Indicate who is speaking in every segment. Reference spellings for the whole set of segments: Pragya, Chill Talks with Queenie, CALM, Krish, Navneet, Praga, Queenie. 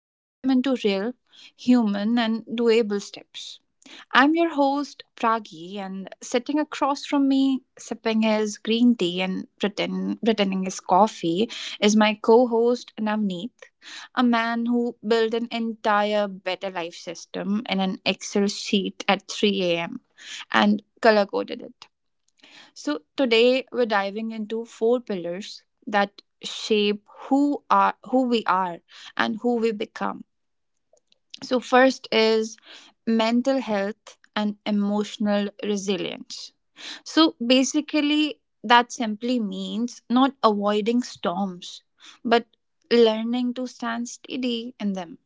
Speaker 1: break them into real, human, and doable steps. I'm your host, Pragi, and sitting across from me, sipping his green tea and pretending his coffee, is my co host, Navneet, a man who built an entire better life system in an Excel sheet at 3 a.m. and color coded it. So, today we're diving into four pillars that shape who we are and who we become, so first is mental health and emotional resilience. So, basically, that simply means not avoiding storms, but learning to stand steady in them.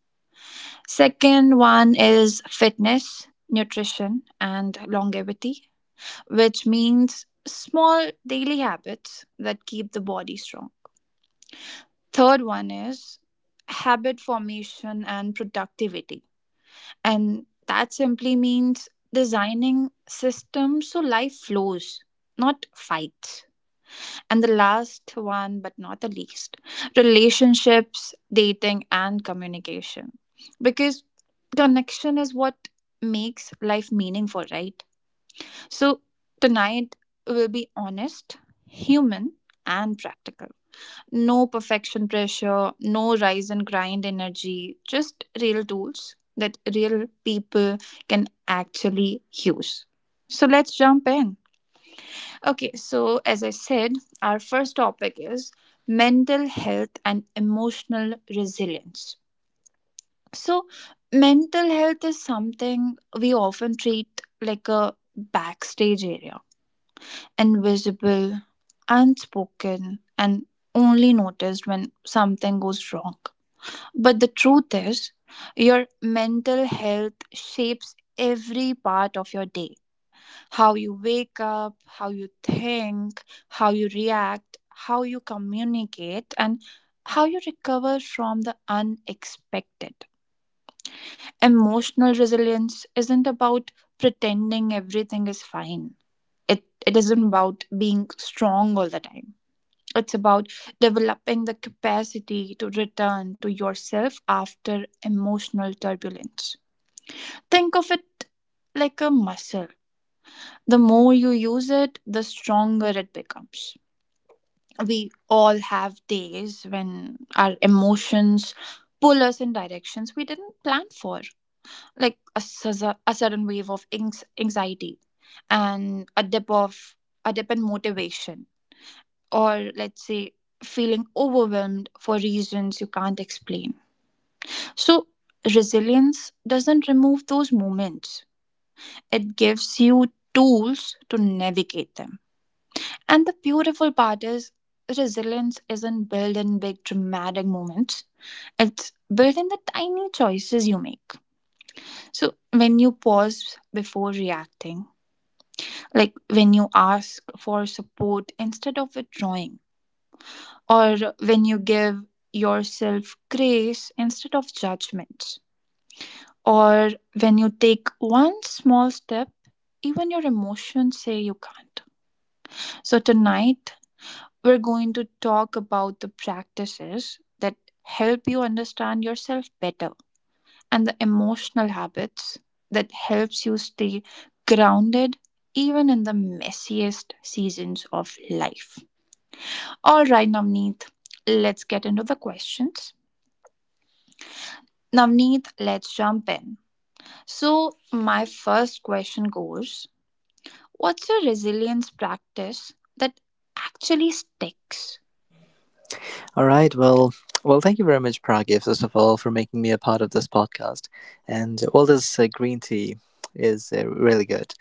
Speaker 1: Second one is fitness, nutrition, and longevity, which means small daily habits that keep the body strong. Third one is habit formation and productivity. And that simply means designing systems so life flows, not fights. And the last one, but not the least, relationships, dating, and communication. Because connection is what makes life meaningful, right? So tonight we'll be honest, human, and practical. No perfection pressure, no rise and grind energy, just real tools that real people can actually use. So let's jump in. Okay, so as I said, our first topic is mental health and emotional resilience. So, mental health is something we often treat like a backstage area, invisible, unspoken, and only noticed when something goes wrong. But the truth is, your mental health shapes every part of your day: how you wake up, how you think, how you react, how you communicate, and how you recover from the unexpected. Emotional resilience isn't about pretending everything is fine. It isn't about being strong all the time. It's about developing the capacity to return to yourself after emotional turbulence. Think of it like a muscle. The more you use it, the stronger it becomes. We all have days when our emotions pull us in directions we didn't plan for, like a sudden wave of anxiety, and a dip in motivation, or let's say feeling overwhelmed for reasons you can't explain. So, resilience doesn't remove those moments, it gives you tools to navigate them. And the beautiful part is, resilience isn't built in big dramatic moments, it's built in the tiny choices you make. So, when you pause before reacting, like when you ask for support instead of withdrawing, or when you give yourself grace instead of judgments, or when you take one small step, even your emotions say you can't. So, tonight we're going to talk about the practices that help you understand yourself better and the emotional habits that helps you stay grounded even in the messiest seasons of life. All right, Navneet, let's get into the questions. Navneet, let's jump in. So, my first question goes: what's a resilience practice that actually sticks?
Speaker 2: All right. Well, thank you very much, Pragya, first of all, for making me a part of this podcast. This green tea is really good.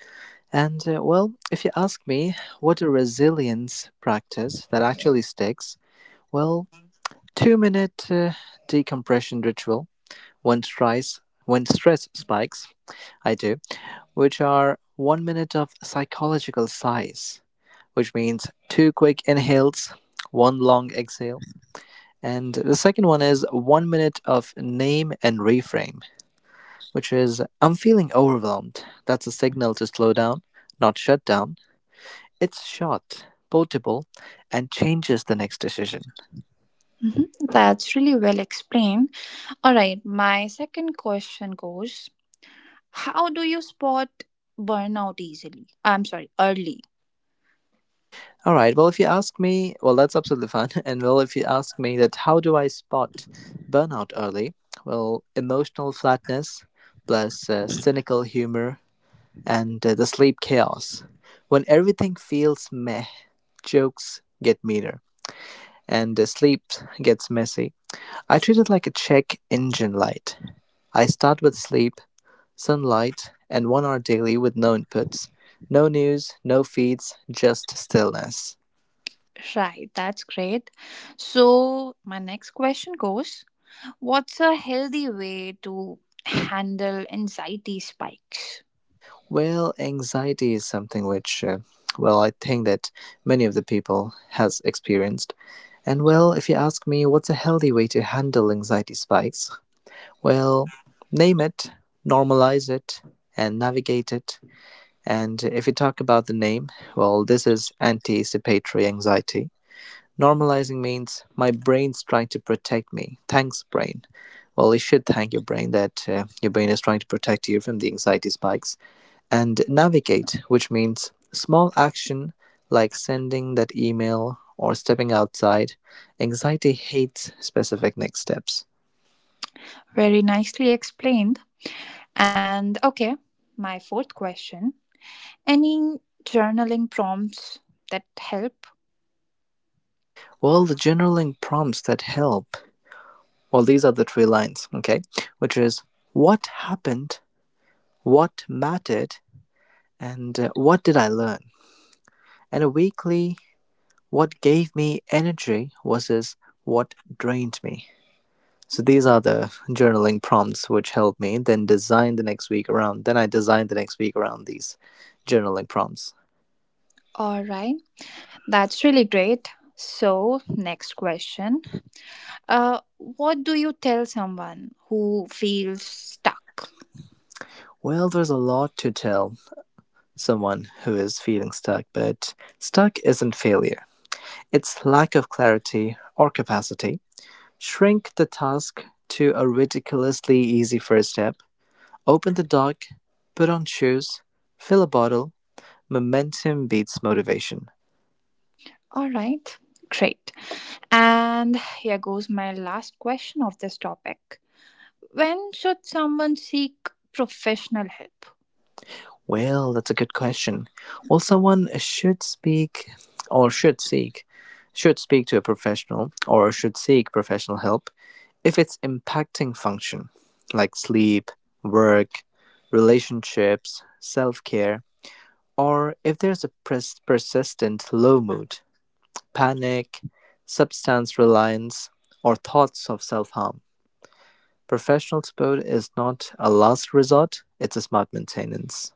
Speaker 2: And well, if you ask me, what a resilience practice that actually sticks. Well, two-minute decompression ritual when stress spikes. I do, which are 1 minute of psychological sighs, which means two quick inhales, one long exhale and the second one is 1 minute of name and reframe, which is I'm feeling overwhelmed. That's a signal to slow down, not shut down. It's short, portable, and changes the next decision.
Speaker 1: Mhm, that's really well explained. All right, my second question goes: how do you spot burnout easily? I'm sorry, early.
Speaker 2: All right, well, if you ask me, well, that's absolutely fine. And well, if you ask me that how do I spot burnout early? Well, emotional flatness plus cynical humor and the sleep chaos. When everything feels meh, jokes get meaner. And sleep gets messy. I treat it like a check engine light. I start with sleep, sunlight, and 1 hour daily with no inputs, no news, no feeds, just stillness.
Speaker 1: Right, that's great. So, my next question goes: what's a healthy way to handle anxiety spikes?
Speaker 2: Well, anxiety is something which, well, I think that many of the people has experienced. And well, if you ask me what's a healthy way to handle anxiety spikes, well, name it, normalize it, and navigate it. And if you talk about the name, well, this is anticipatory anxiety. Normalizing means my brain's trying to protect me. Thanks, brain. Well, you should thank your brain that your brain is trying to protect you from the anxiety spikes. And navigate, which means small action like sending that email or stepping outside. Anxiety hates specific next steps.
Speaker 1: Very nicely explained. And okay, my fourth question, any journaling prompts that help?
Speaker 2: Well, the journaling prompts that help. Well, these are the three lines, okay? Which is what happened, what mattered, and what did I learn. And a weekly, what gave me energy versus what drained me. So these are the journaling prompts which helped me then design the next week around. Then I designed the next week around these journaling prompts.
Speaker 1: All right, that's really great. So, next question, what do you tell someone who feels stuck?
Speaker 2: Well, there's a lot to tell someone who is feeling stuck, but stuck isn't failure. It's lack of clarity or capacity. Shrink the task to a ridiculously easy first step. Open the dock, put on shoes, fill a bottle. Momentum beats motivation.
Speaker 1: All right, great. And here goes my last question of this topic: when should someone seek professional help?
Speaker 2: Well, that's a good question. Well, someone should speak or should seek should speak to a professional or should seek professional help if it's impacting function like sleep, work, relationships, self-care, or if there's a persistent low mood, panic, substance reliance, or thoughts of self-harm. Professional support is not a last resort, it's a smart maintenance.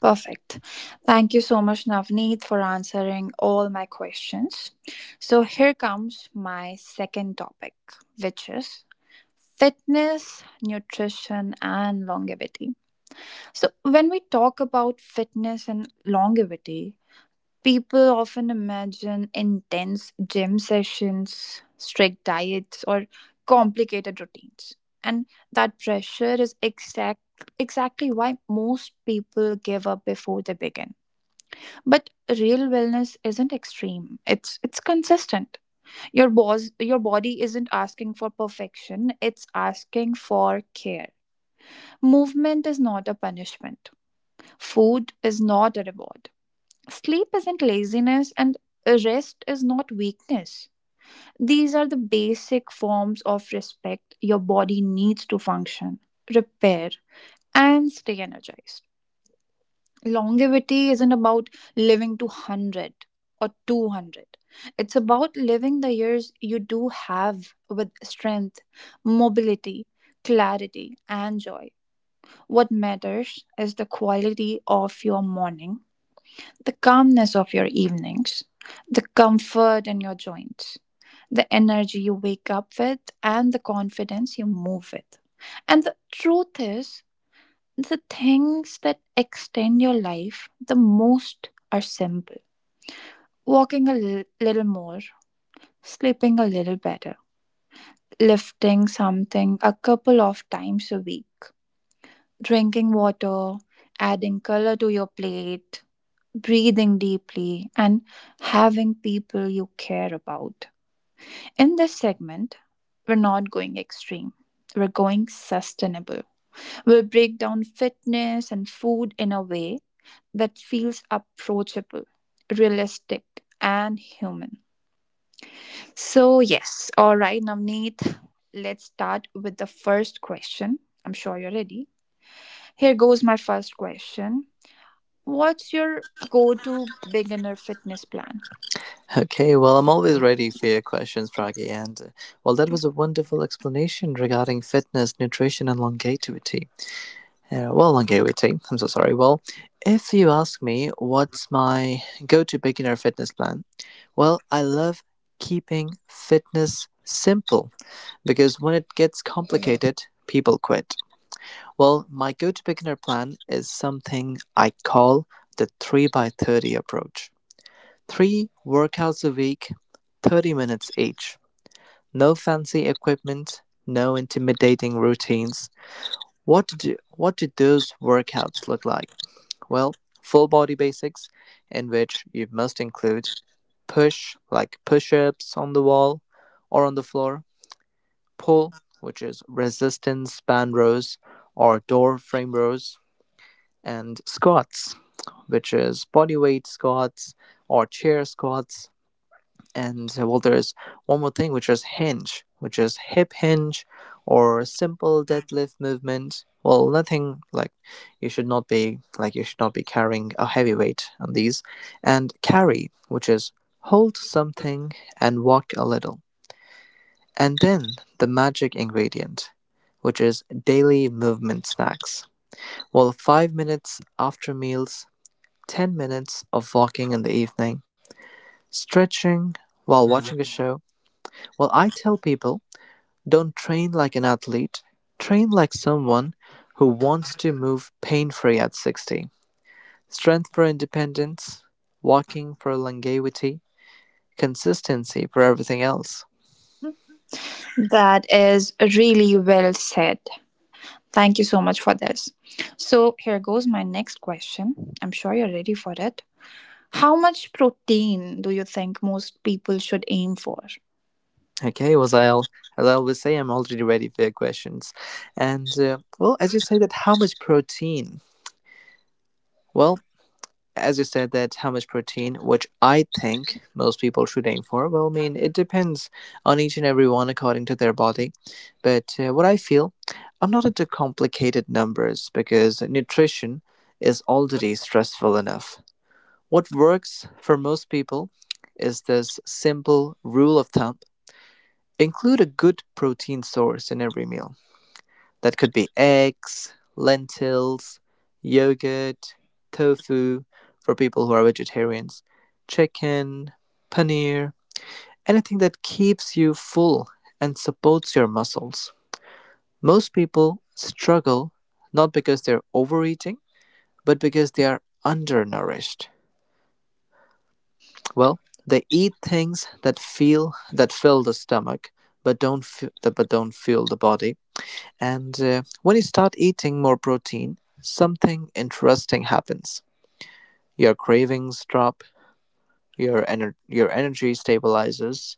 Speaker 1: Perfect. Thank you so much, Navneet, for answering all my questions. So, here comes my second topic, which is fitness, nutrition, and longevity. So, when we talk about fitness and longevity, people often imagine intense gym sessions, strict diets, or complicated routines. And that pressure is exactly why most people give up before they begin. But real wellness isn't extreme. It's consistent. Your body isn't asking for perfection, it's asking for care. Movement is not a punishment. Food is not a reward. Sleep isn't laziness and rest is not weakness. These are the basic forms of respect your body needs to function, repair, and stay energized. Longevity isn't about living to 100 or 200, it's about living the years you do have with strength, mobility, clarity, and joy. What matters is the quality of your morning, the calmness of your evenings, the comfort in your joints, the energy you wake up with, and the confidence you move with. And the truth is, the things that extend your life the most are simple: walking a little more, sleeping a little better, lifting something a couple of times a week, drinking water, adding color to your plate, breathing deeply, and having people you care about. In this segment, we're not going extreme. We're going sustainable. We'll break down fitness and food in a way that feels approachable, realistic, and human. So, yes, all right, Navneet, let's start with the first question. I'm sure you're ready. Here goes my first question: what's your go to beginner fitness plan?
Speaker 2: Okay, well, I'm always ready for your questions, Praggy. And well, that was a wonderful explanation regarding fitness, nutrition, and longevity. Well, longevity, I'm so sorry. Well, if you ask me what's my go to beginner fitness plan, well, I love keeping fitness simple because when it gets complicated, people quit. Well, my go to beginner plan is something I call the 3 by 30 approach. Three workouts a week, 30 minutes each. No fancy equipment, no intimidating routines. What do those workouts look like? Well, full body basics, in which you must include push, like push ups on the wall or on the floor, pull, which is resistance band rows or door frame rows, and squats, which is body weight squats or chair squats. And well, there's one more thing, which is hinge, which is hip hinge or simple deadlift movement. Well, nothing like you should not be carrying a heavy weight on these. And carry, which is hold something and walk a little. And then the magic ingredient, which is daily movement snacks. Well, 5 minutes after meals, 10 minutes of walking in the evening, stretching while watching a show. Well, I tell people don't train like an athlete, train like someone who wants to move pain free at 60. Strength for independence, walking for longevity, consistency for everything else.
Speaker 1: That is really well said. Thank you so much for this. So, here goes my next question. I'm sure you're ready for it. How much protein do you think most people should aim for?
Speaker 2: Okay, was I all? As I always say, I'm already ready for your questions. And, well, as you say that, how much protein? Well, as you said that how much protein which I think most people should aim for, well, I mean it depends on each and every one according to their body, but what I feel, I'm not into complicated numbers because nutrition is already stressful enough. What works for most people is this simple rule of thumb: include a good protein source in every meal. That could be eggs, lentils, yogurt, tofu for people who are vegetarians, chicken, paneer, anything that keeps you full and supports your muscles. Most people struggle not because they're overeating, but because they are undernourished. Well, they eat things that feel that fill the stomach but don't f- but don't fuel the body. And when you start eating more protein, something interesting happens. Your cravings drop, your energy stabilizes,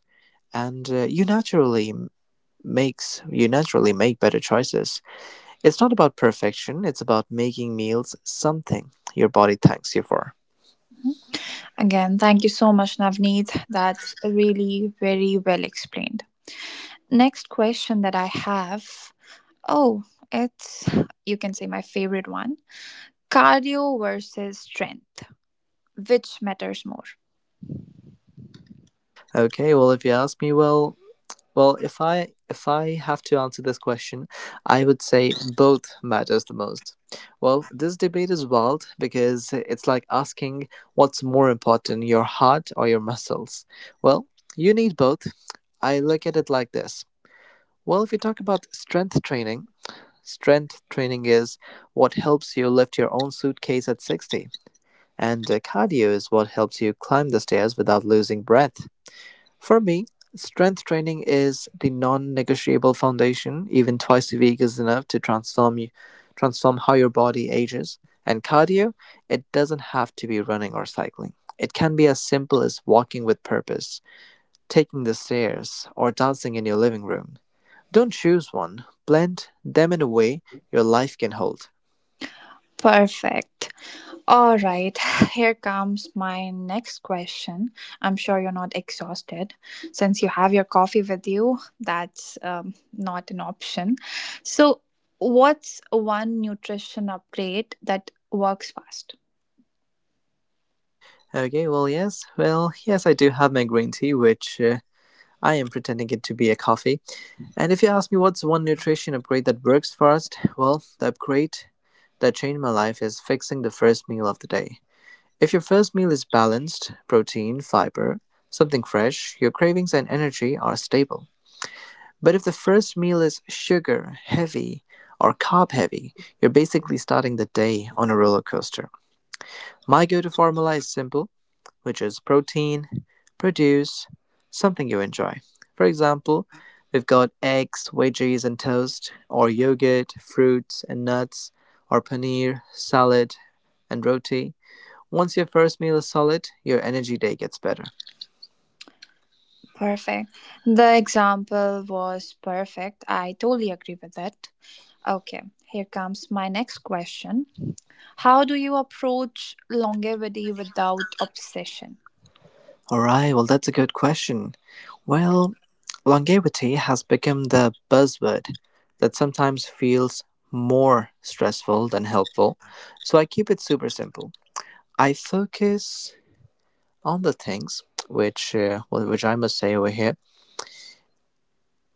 Speaker 2: and makes you naturally make better choices. It's not about perfection, it's about making meals something your body thanks you for.
Speaker 1: Again, thank you so much, Navneet. That's really very well explained. Next question that I have, oh, it's, you can say, my favorite one: cardio versus strength. Which matters more?
Speaker 2: Okay, well if you ask me, well Well, if I have to answer this question, I would say both matters the most. Well, this debate is wild because it's like asking what's more important, your heart or your muscles. Well, you need both. I look at it like this. Well, if you talk about strength training is what helps you lift your own suitcase at 60, and cardio is what helps you climb the stairs without losing breath. For me, strength training is the non-negotiable foundation. Even 2 times a week is enough to transform how your body ages. And cardio, it doesn't have to be running or cycling. It can be as simple as walking with purpose, taking the stairs, or dancing in your living room. Don't choose one. Blend them in a way your life can hold.
Speaker 1: Perfect. All right, here comes my next question. I'm sure you're not exhausted since you have your coffee with you. That's not an option. So, what's one nutrition upgrade that works fast?
Speaker 2: Okay, well, yes. Well, yes, I do have my green tea, which I am pretending it to be a coffee. And if you ask me what's one nutrition upgrade that works first, well, the upgrade that changed my life is fixing the first meal of the day. If your first meal is balanced, protein, fiber, something fresh, your cravings and energy are stable. But if the first meal is sugar heavy or carb heavy, you're basically starting the day on a roller coaster. My go to formula is simple, which is protein, produce, something you enjoy. For example, we've got eggs, veggies, and toast, or yogurt, fruits, and nuts, or paneer, salad, and roti. Once your first meal is solid, your energy day gets better.
Speaker 1: Perfect. The example was perfect. I totally agree with it. Okay, here comes my next question. How do you approach longevity without obsession?
Speaker 2: Alright, well, that's a good question. Well, longevity has become the buzzword that sometimes feels more stressful than helpful, so I keep it super simple. I focus on the things which, well, which I must say over here.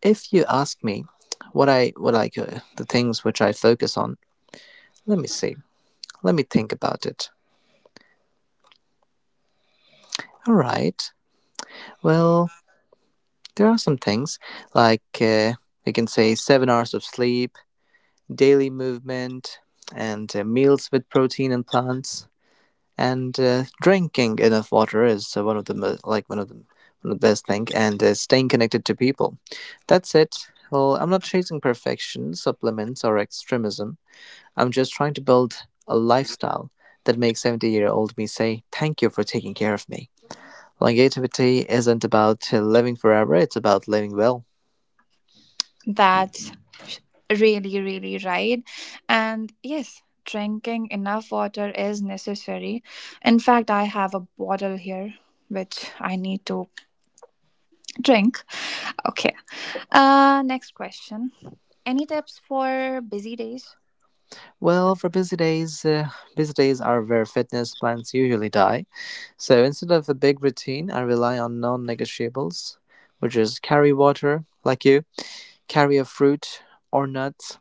Speaker 2: If you ask me what I what like the things which I focus on, let me see. Let me think about it. All right. Well, there are some things like we can say 7 hours of sleep, daily movement, and meals with protein and plants. And drinking enough water is one of the best thing. And staying connected to people, that's it. Well, I'm not chasing perfection, supplements, or extremism. I'm just trying to build a lifestyle that makes 70-year-old me say thank you for taking care of me. Longevity isn't about living forever, it's about living well.
Speaker 1: That's really, really right. And yes, drinking enough water is necessary. In fact, I have a bottle here which I need to drink. Okay. Next question. Any tips for busy days?
Speaker 2: Well, for busy days, busy days are where fitness plans usually die. So instead of a big routine, I rely on non negotiables, which is carry water, like you, carry a fruit or nuts,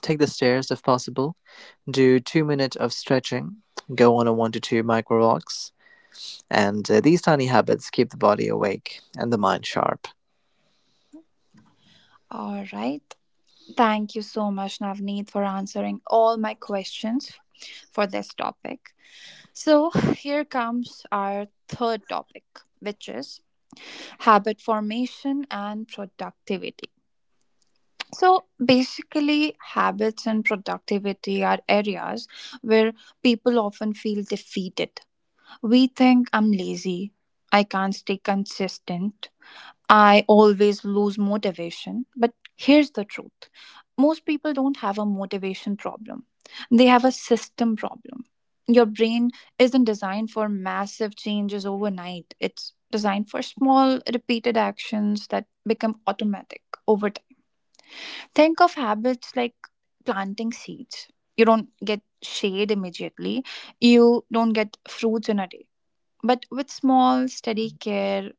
Speaker 2: take the stairs if possible, do 2 minutes of stretching, go on a one to two micro walks, and these tiny habits keep the body awake and the mind sharp.
Speaker 1: All right. Thank you so much Navneet for answering all my questions for this topic. So here comes our third topic, which is habit formation and productivity. So basically, habits and productivity are areas where people often feel defeated. We think I'm lazy, I can't stay consistent, I always lose motivation. But here's the truth: most people don't have a motivation problem, they have a system problem. Your brain isn't designed for massive changes overnight, it's designed for small, repeated actions that become automatic over time. Think of habits like planting seeds. You don't get shade immediately, you don't get fruits in a day. But with small, steady care,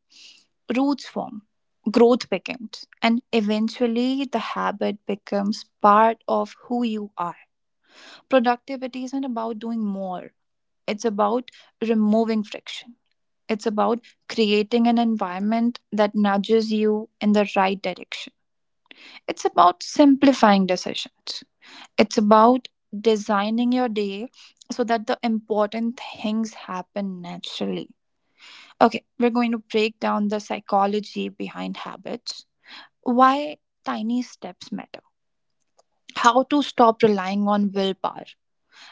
Speaker 1: roots form, growth begins, and eventually the habit becomes part of who you are. Productivity isn't about doing more, it's about removing friction. It's about creating an environment that nudges you in the right direction. It's about simplifying decisions. It's about designing your day so that the important things happen naturally. Okay, we're going to break down the psychology behind habits, why tiny steps matter, how to stop relying on willpower,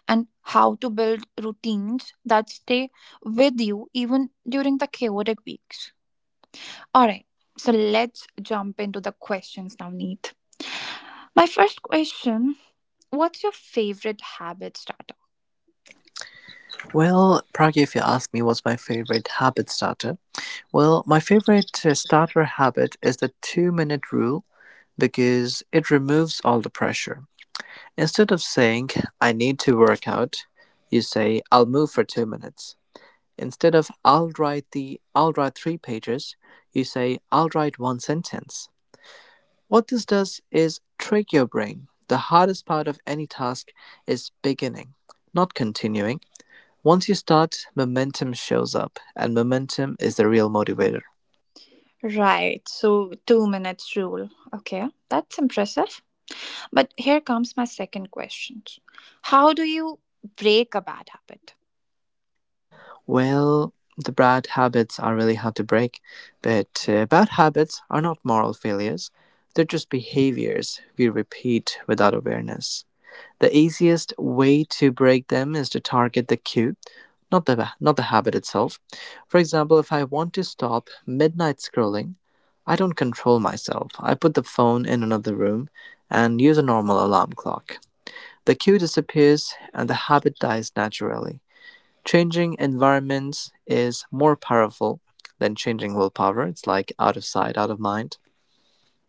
Speaker 1: and how to build routines that stay with you even during the chaotic weeks. All right, so let's jump into the questions now, Neet. My first question: what's your favorite habit starter?
Speaker 2: Well, Pragya, if you ask me what's my favorite habit starter, well, my favorite starter habit is the 2 minute rule because it removes all the pressure. Instead of saying, I need to work out, you say, I'll move for 2 minutes. Instead of, I'll write 3 pages, you say, I'll write 1 sentence. What this does is trick your brain. The hardest part of any task is beginning, not continuing. Once you start, momentum shows up, and momentum is the real motivator.
Speaker 1: Right, so 2 minutes rule. Okay, that's impressive. But here comes my second question: how do you break a bad habit?
Speaker 2: Well, the bad habits are really hard to break, but bad habits are not moral failures. They're just behaviors we repeat without awareness. The easiest way to break them is to target the cue, not the not the habit itself. For example, if I want to stop midnight scrolling, I don't control myself. I put the phone in another room and use a normal alarm clock. The cue disappears and the habit dies naturally. Changing environments is more powerful than changing willpower. It's like out of sight, out of mind.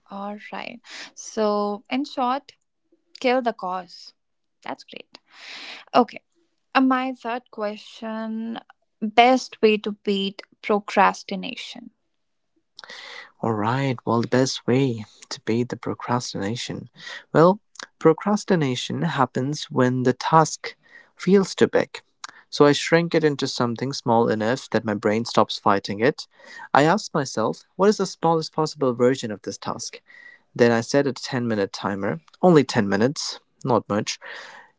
Speaker 1: All right. So, in short, kill the cause. That's great. Okay. My third question: best way to beat procrastination.
Speaker 2: All right, well, the best way to beat the procrastination. Well, Procrastination happens when the task feels too big. So I shrink it into something small enough that my brain stops fighting it. I ask myself, what is the smallest possible version of this task? Then I set a 10-minute timer, only 10 minutes, not much.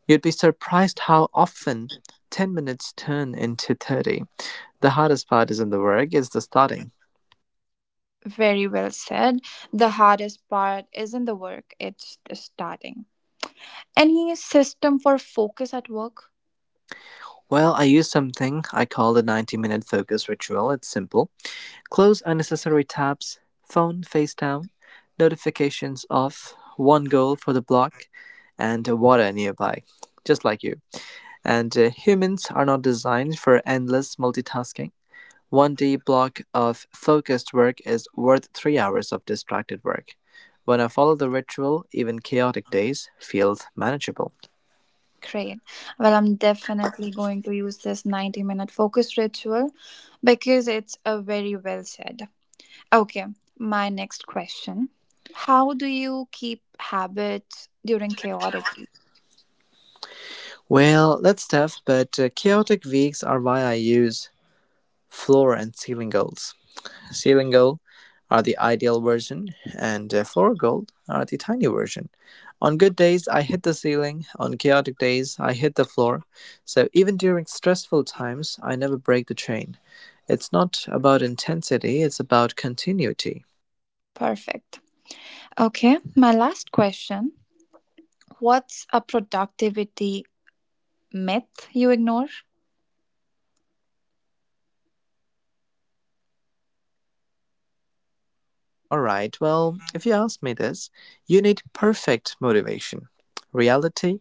Speaker 2: You'd be surprised how often 10 minutes turn into 30. The hardest part isn't the work, it's the starting.
Speaker 1: Very well said. The hardest part isn't the work, it's the starting. Any system for focus at work?
Speaker 2: Well, I use something I call the 90-minute focus ritual. It's simple: close unnecessary tabs, phone face down, notifications off, one goal for the block, and water nearby, just like you. And Humans are not designed for endless multitasking. One D block of focused work is worth 3 hours of distracted work. When I follow the ritual, even chaotic days feel manageable.
Speaker 1: Great. Well, I'm definitely going to use this 90-minute focus ritual. Because it's a very well said. Okay, my next question. How do you keep habits during chaotic week?
Speaker 2: Well, that's tough, but chaotic weeks are why I use floor and ceiling goals. Ceiling gold are the ideal version, and floor gold are the tiny version. On good days, I hit the ceiling. On chaotic days, I hit the floor. So even during stressful times, I never break the chain. It's not about intensity, it's about continuity.
Speaker 1: Perfect. Okay, my last question. What's a productivity myth you ignore?
Speaker 2: All right, well, if you ask me this, you need perfect motivation. Reality.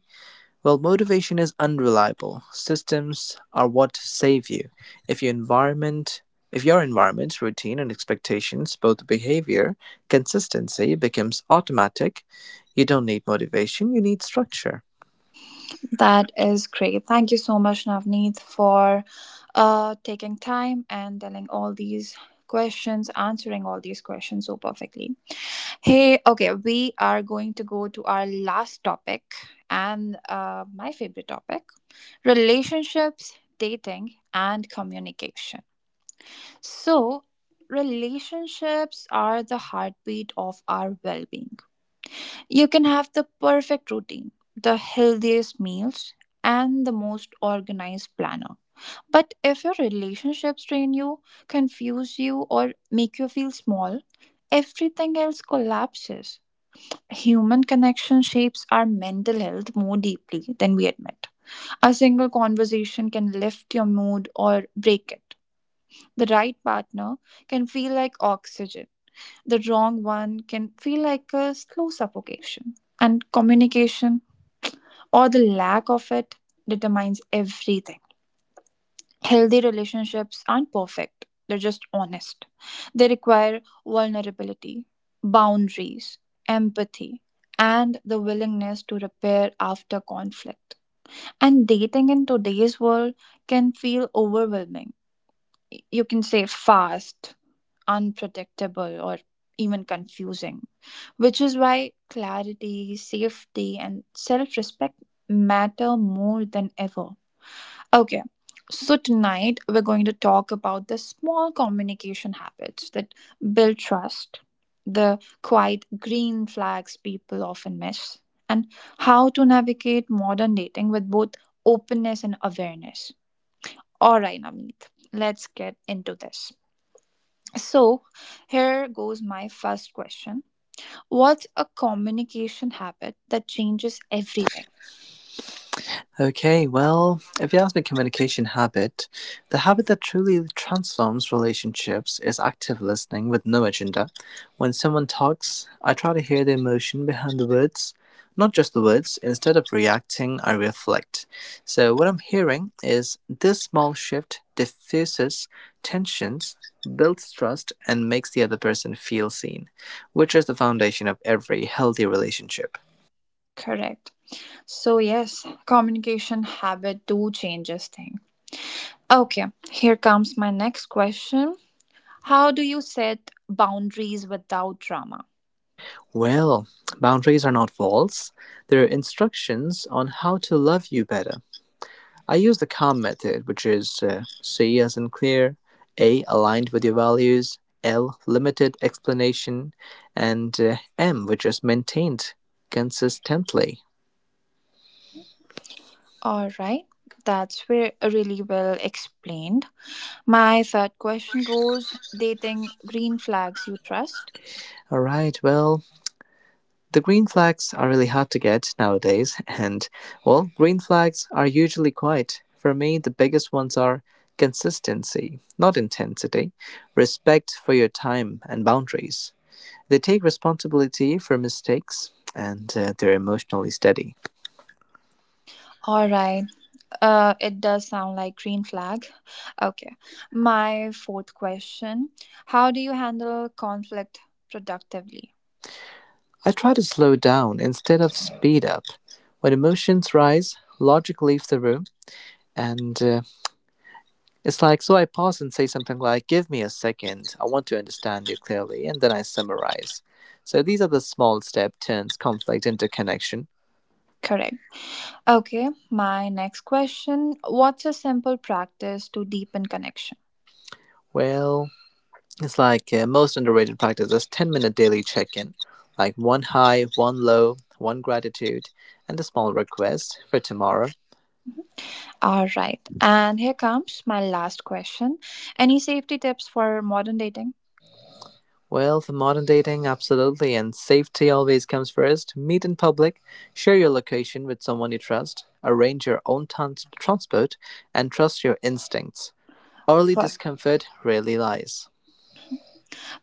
Speaker 2: While motivation is unreliable, systems are what save you. If your environment if your environment, routine, and expectations, both behavior, consistency becomes automatic, you don't need motivation, you need structure.
Speaker 1: That is great. Thank you so much, Navneet, for taking time and telling all these questions, answering all these questions so perfectly. Hey, okay, we are going to go to our last topic and my favorite topic: relationships, dating, and communication. So, relationships are the heartbeat of our well being. You can have the perfect routine, the healthiest meals, and the most organized planner. But if your relationships drain you, confuse you, or make you feel small, everything else collapses. Human connection shapes our mental health more deeply than we admit. A single conversation can lift your mood or break it. The right partner can feel like oxygen, the wrong one can feel like a slow suffocation. And communication, or the lack of it, determines everything. Healthy relationships aren't perfect, they're just honest. They require vulnerability, boundaries, empathy, and the willingness to repair after conflict. And dating in today's world can feel overwhelming. You can say fast, unpredictable, or even confusing, which is why clarity, safety, and self respect matter more than ever. Okay, so tonight we're going to talk about the small communication habits that build trust, the quiet green flags people often miss, and how to navigate modern dating with both openness and awareness. All right, Navneet, let's get into this. So, here goes my first question: what's a communication habit that changes everything?
Speaker 2: Okay, well, if you ask me communication habit, the habit that truly transforms relationships is active listening with no agenda. When someone talks, I try to hear the emotion behind the words, not just the words. Instead of reacting, I reflect. So, what I'm hearing is this small shift diffuses tensions, builds trust, and makes the other person feel seen, which is the foundation of every healthy relationship.
Speaker 1: Correct. So yes, communication habit do changes thing. Okay, here comes my next question. How do you set boundaries without drama?
Speaker 2: Well, boundaries are not walls, they're instructions on how to love you better. I use the CALM method, which is C as in clear, A aligned with your values, L limited explanation, and M which is maintained consistently.
Speaker 1: All right. That's where really well explained. My third question goes: dating green flags you trust.
Speaker 2: All right, well, the green flags are really hard to get nowadays, and well, green flags are usually quite. For me, the biggest ones are consistency, not intensity, respect for your time and boundaries. They take responsibility for mistakes and they're emotionally steady.
Speaker 1: All right. It does sound like green flag. Okay. My fourth question, how do you handle conflict productively?
Speaker 2: I try to slow down instead of speed up. When emotions rise, logic leaves the room and it's like, so I pause and say something like, "Give me a second, I want to understand you clearly," and then I summarize. So these are the small step turns conflict into connection.
Speaker 1: Correct. Okay, my next question, what's a simple practice to deepen connection?
Speaker 2: Well, it's like most underrated practice is 10-minute daily check in, like one high, one low, one gratitude, and a small request for tomorrow.
Speaker 1: All right. And here comes my last question. Any safety tips for modern dating?
Speaker 2: Well, for modern dating, absolutely, and safety always comes first. Meet in public, share your location with someone you trust, arrange your own transport, and trust your instincts. Early
Speaker 1: Per-
Speaker 2: discomfort rarely lies.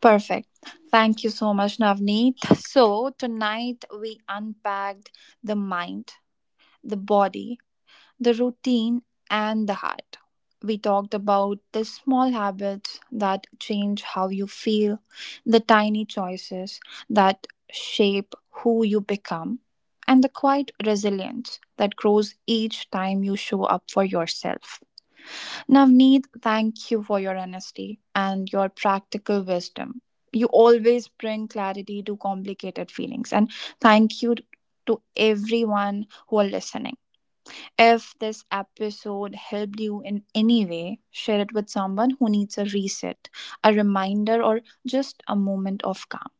Speaker 1: Perfect. Thank you so much, Navneet. So, tonight we unpacked the mind, the body, the routine, and the heart. We talked about the small habits that change how you feel, the tiny choices that shape who you become, and the quiet resilience that grows each time you show up for yourself. Navneet, thank you for your honesty and your practical wisdom. You always bring clarity to complicated feelings, and thank you to everyone who are listening. If this episode helped you in any way, share it with someone who needs a reset, a reminder, or just a moment of calm.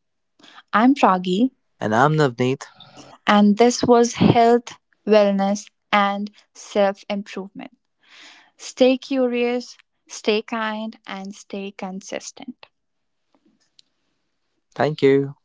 Speaker 1: I'm Pragi,
Speaker 2: And I'm Navneet.
Speaker 1: and this was Health, Wellness, and Self Improvement. Stay curious, stay kind, and stay consistent.
Speaker 2: Thank you.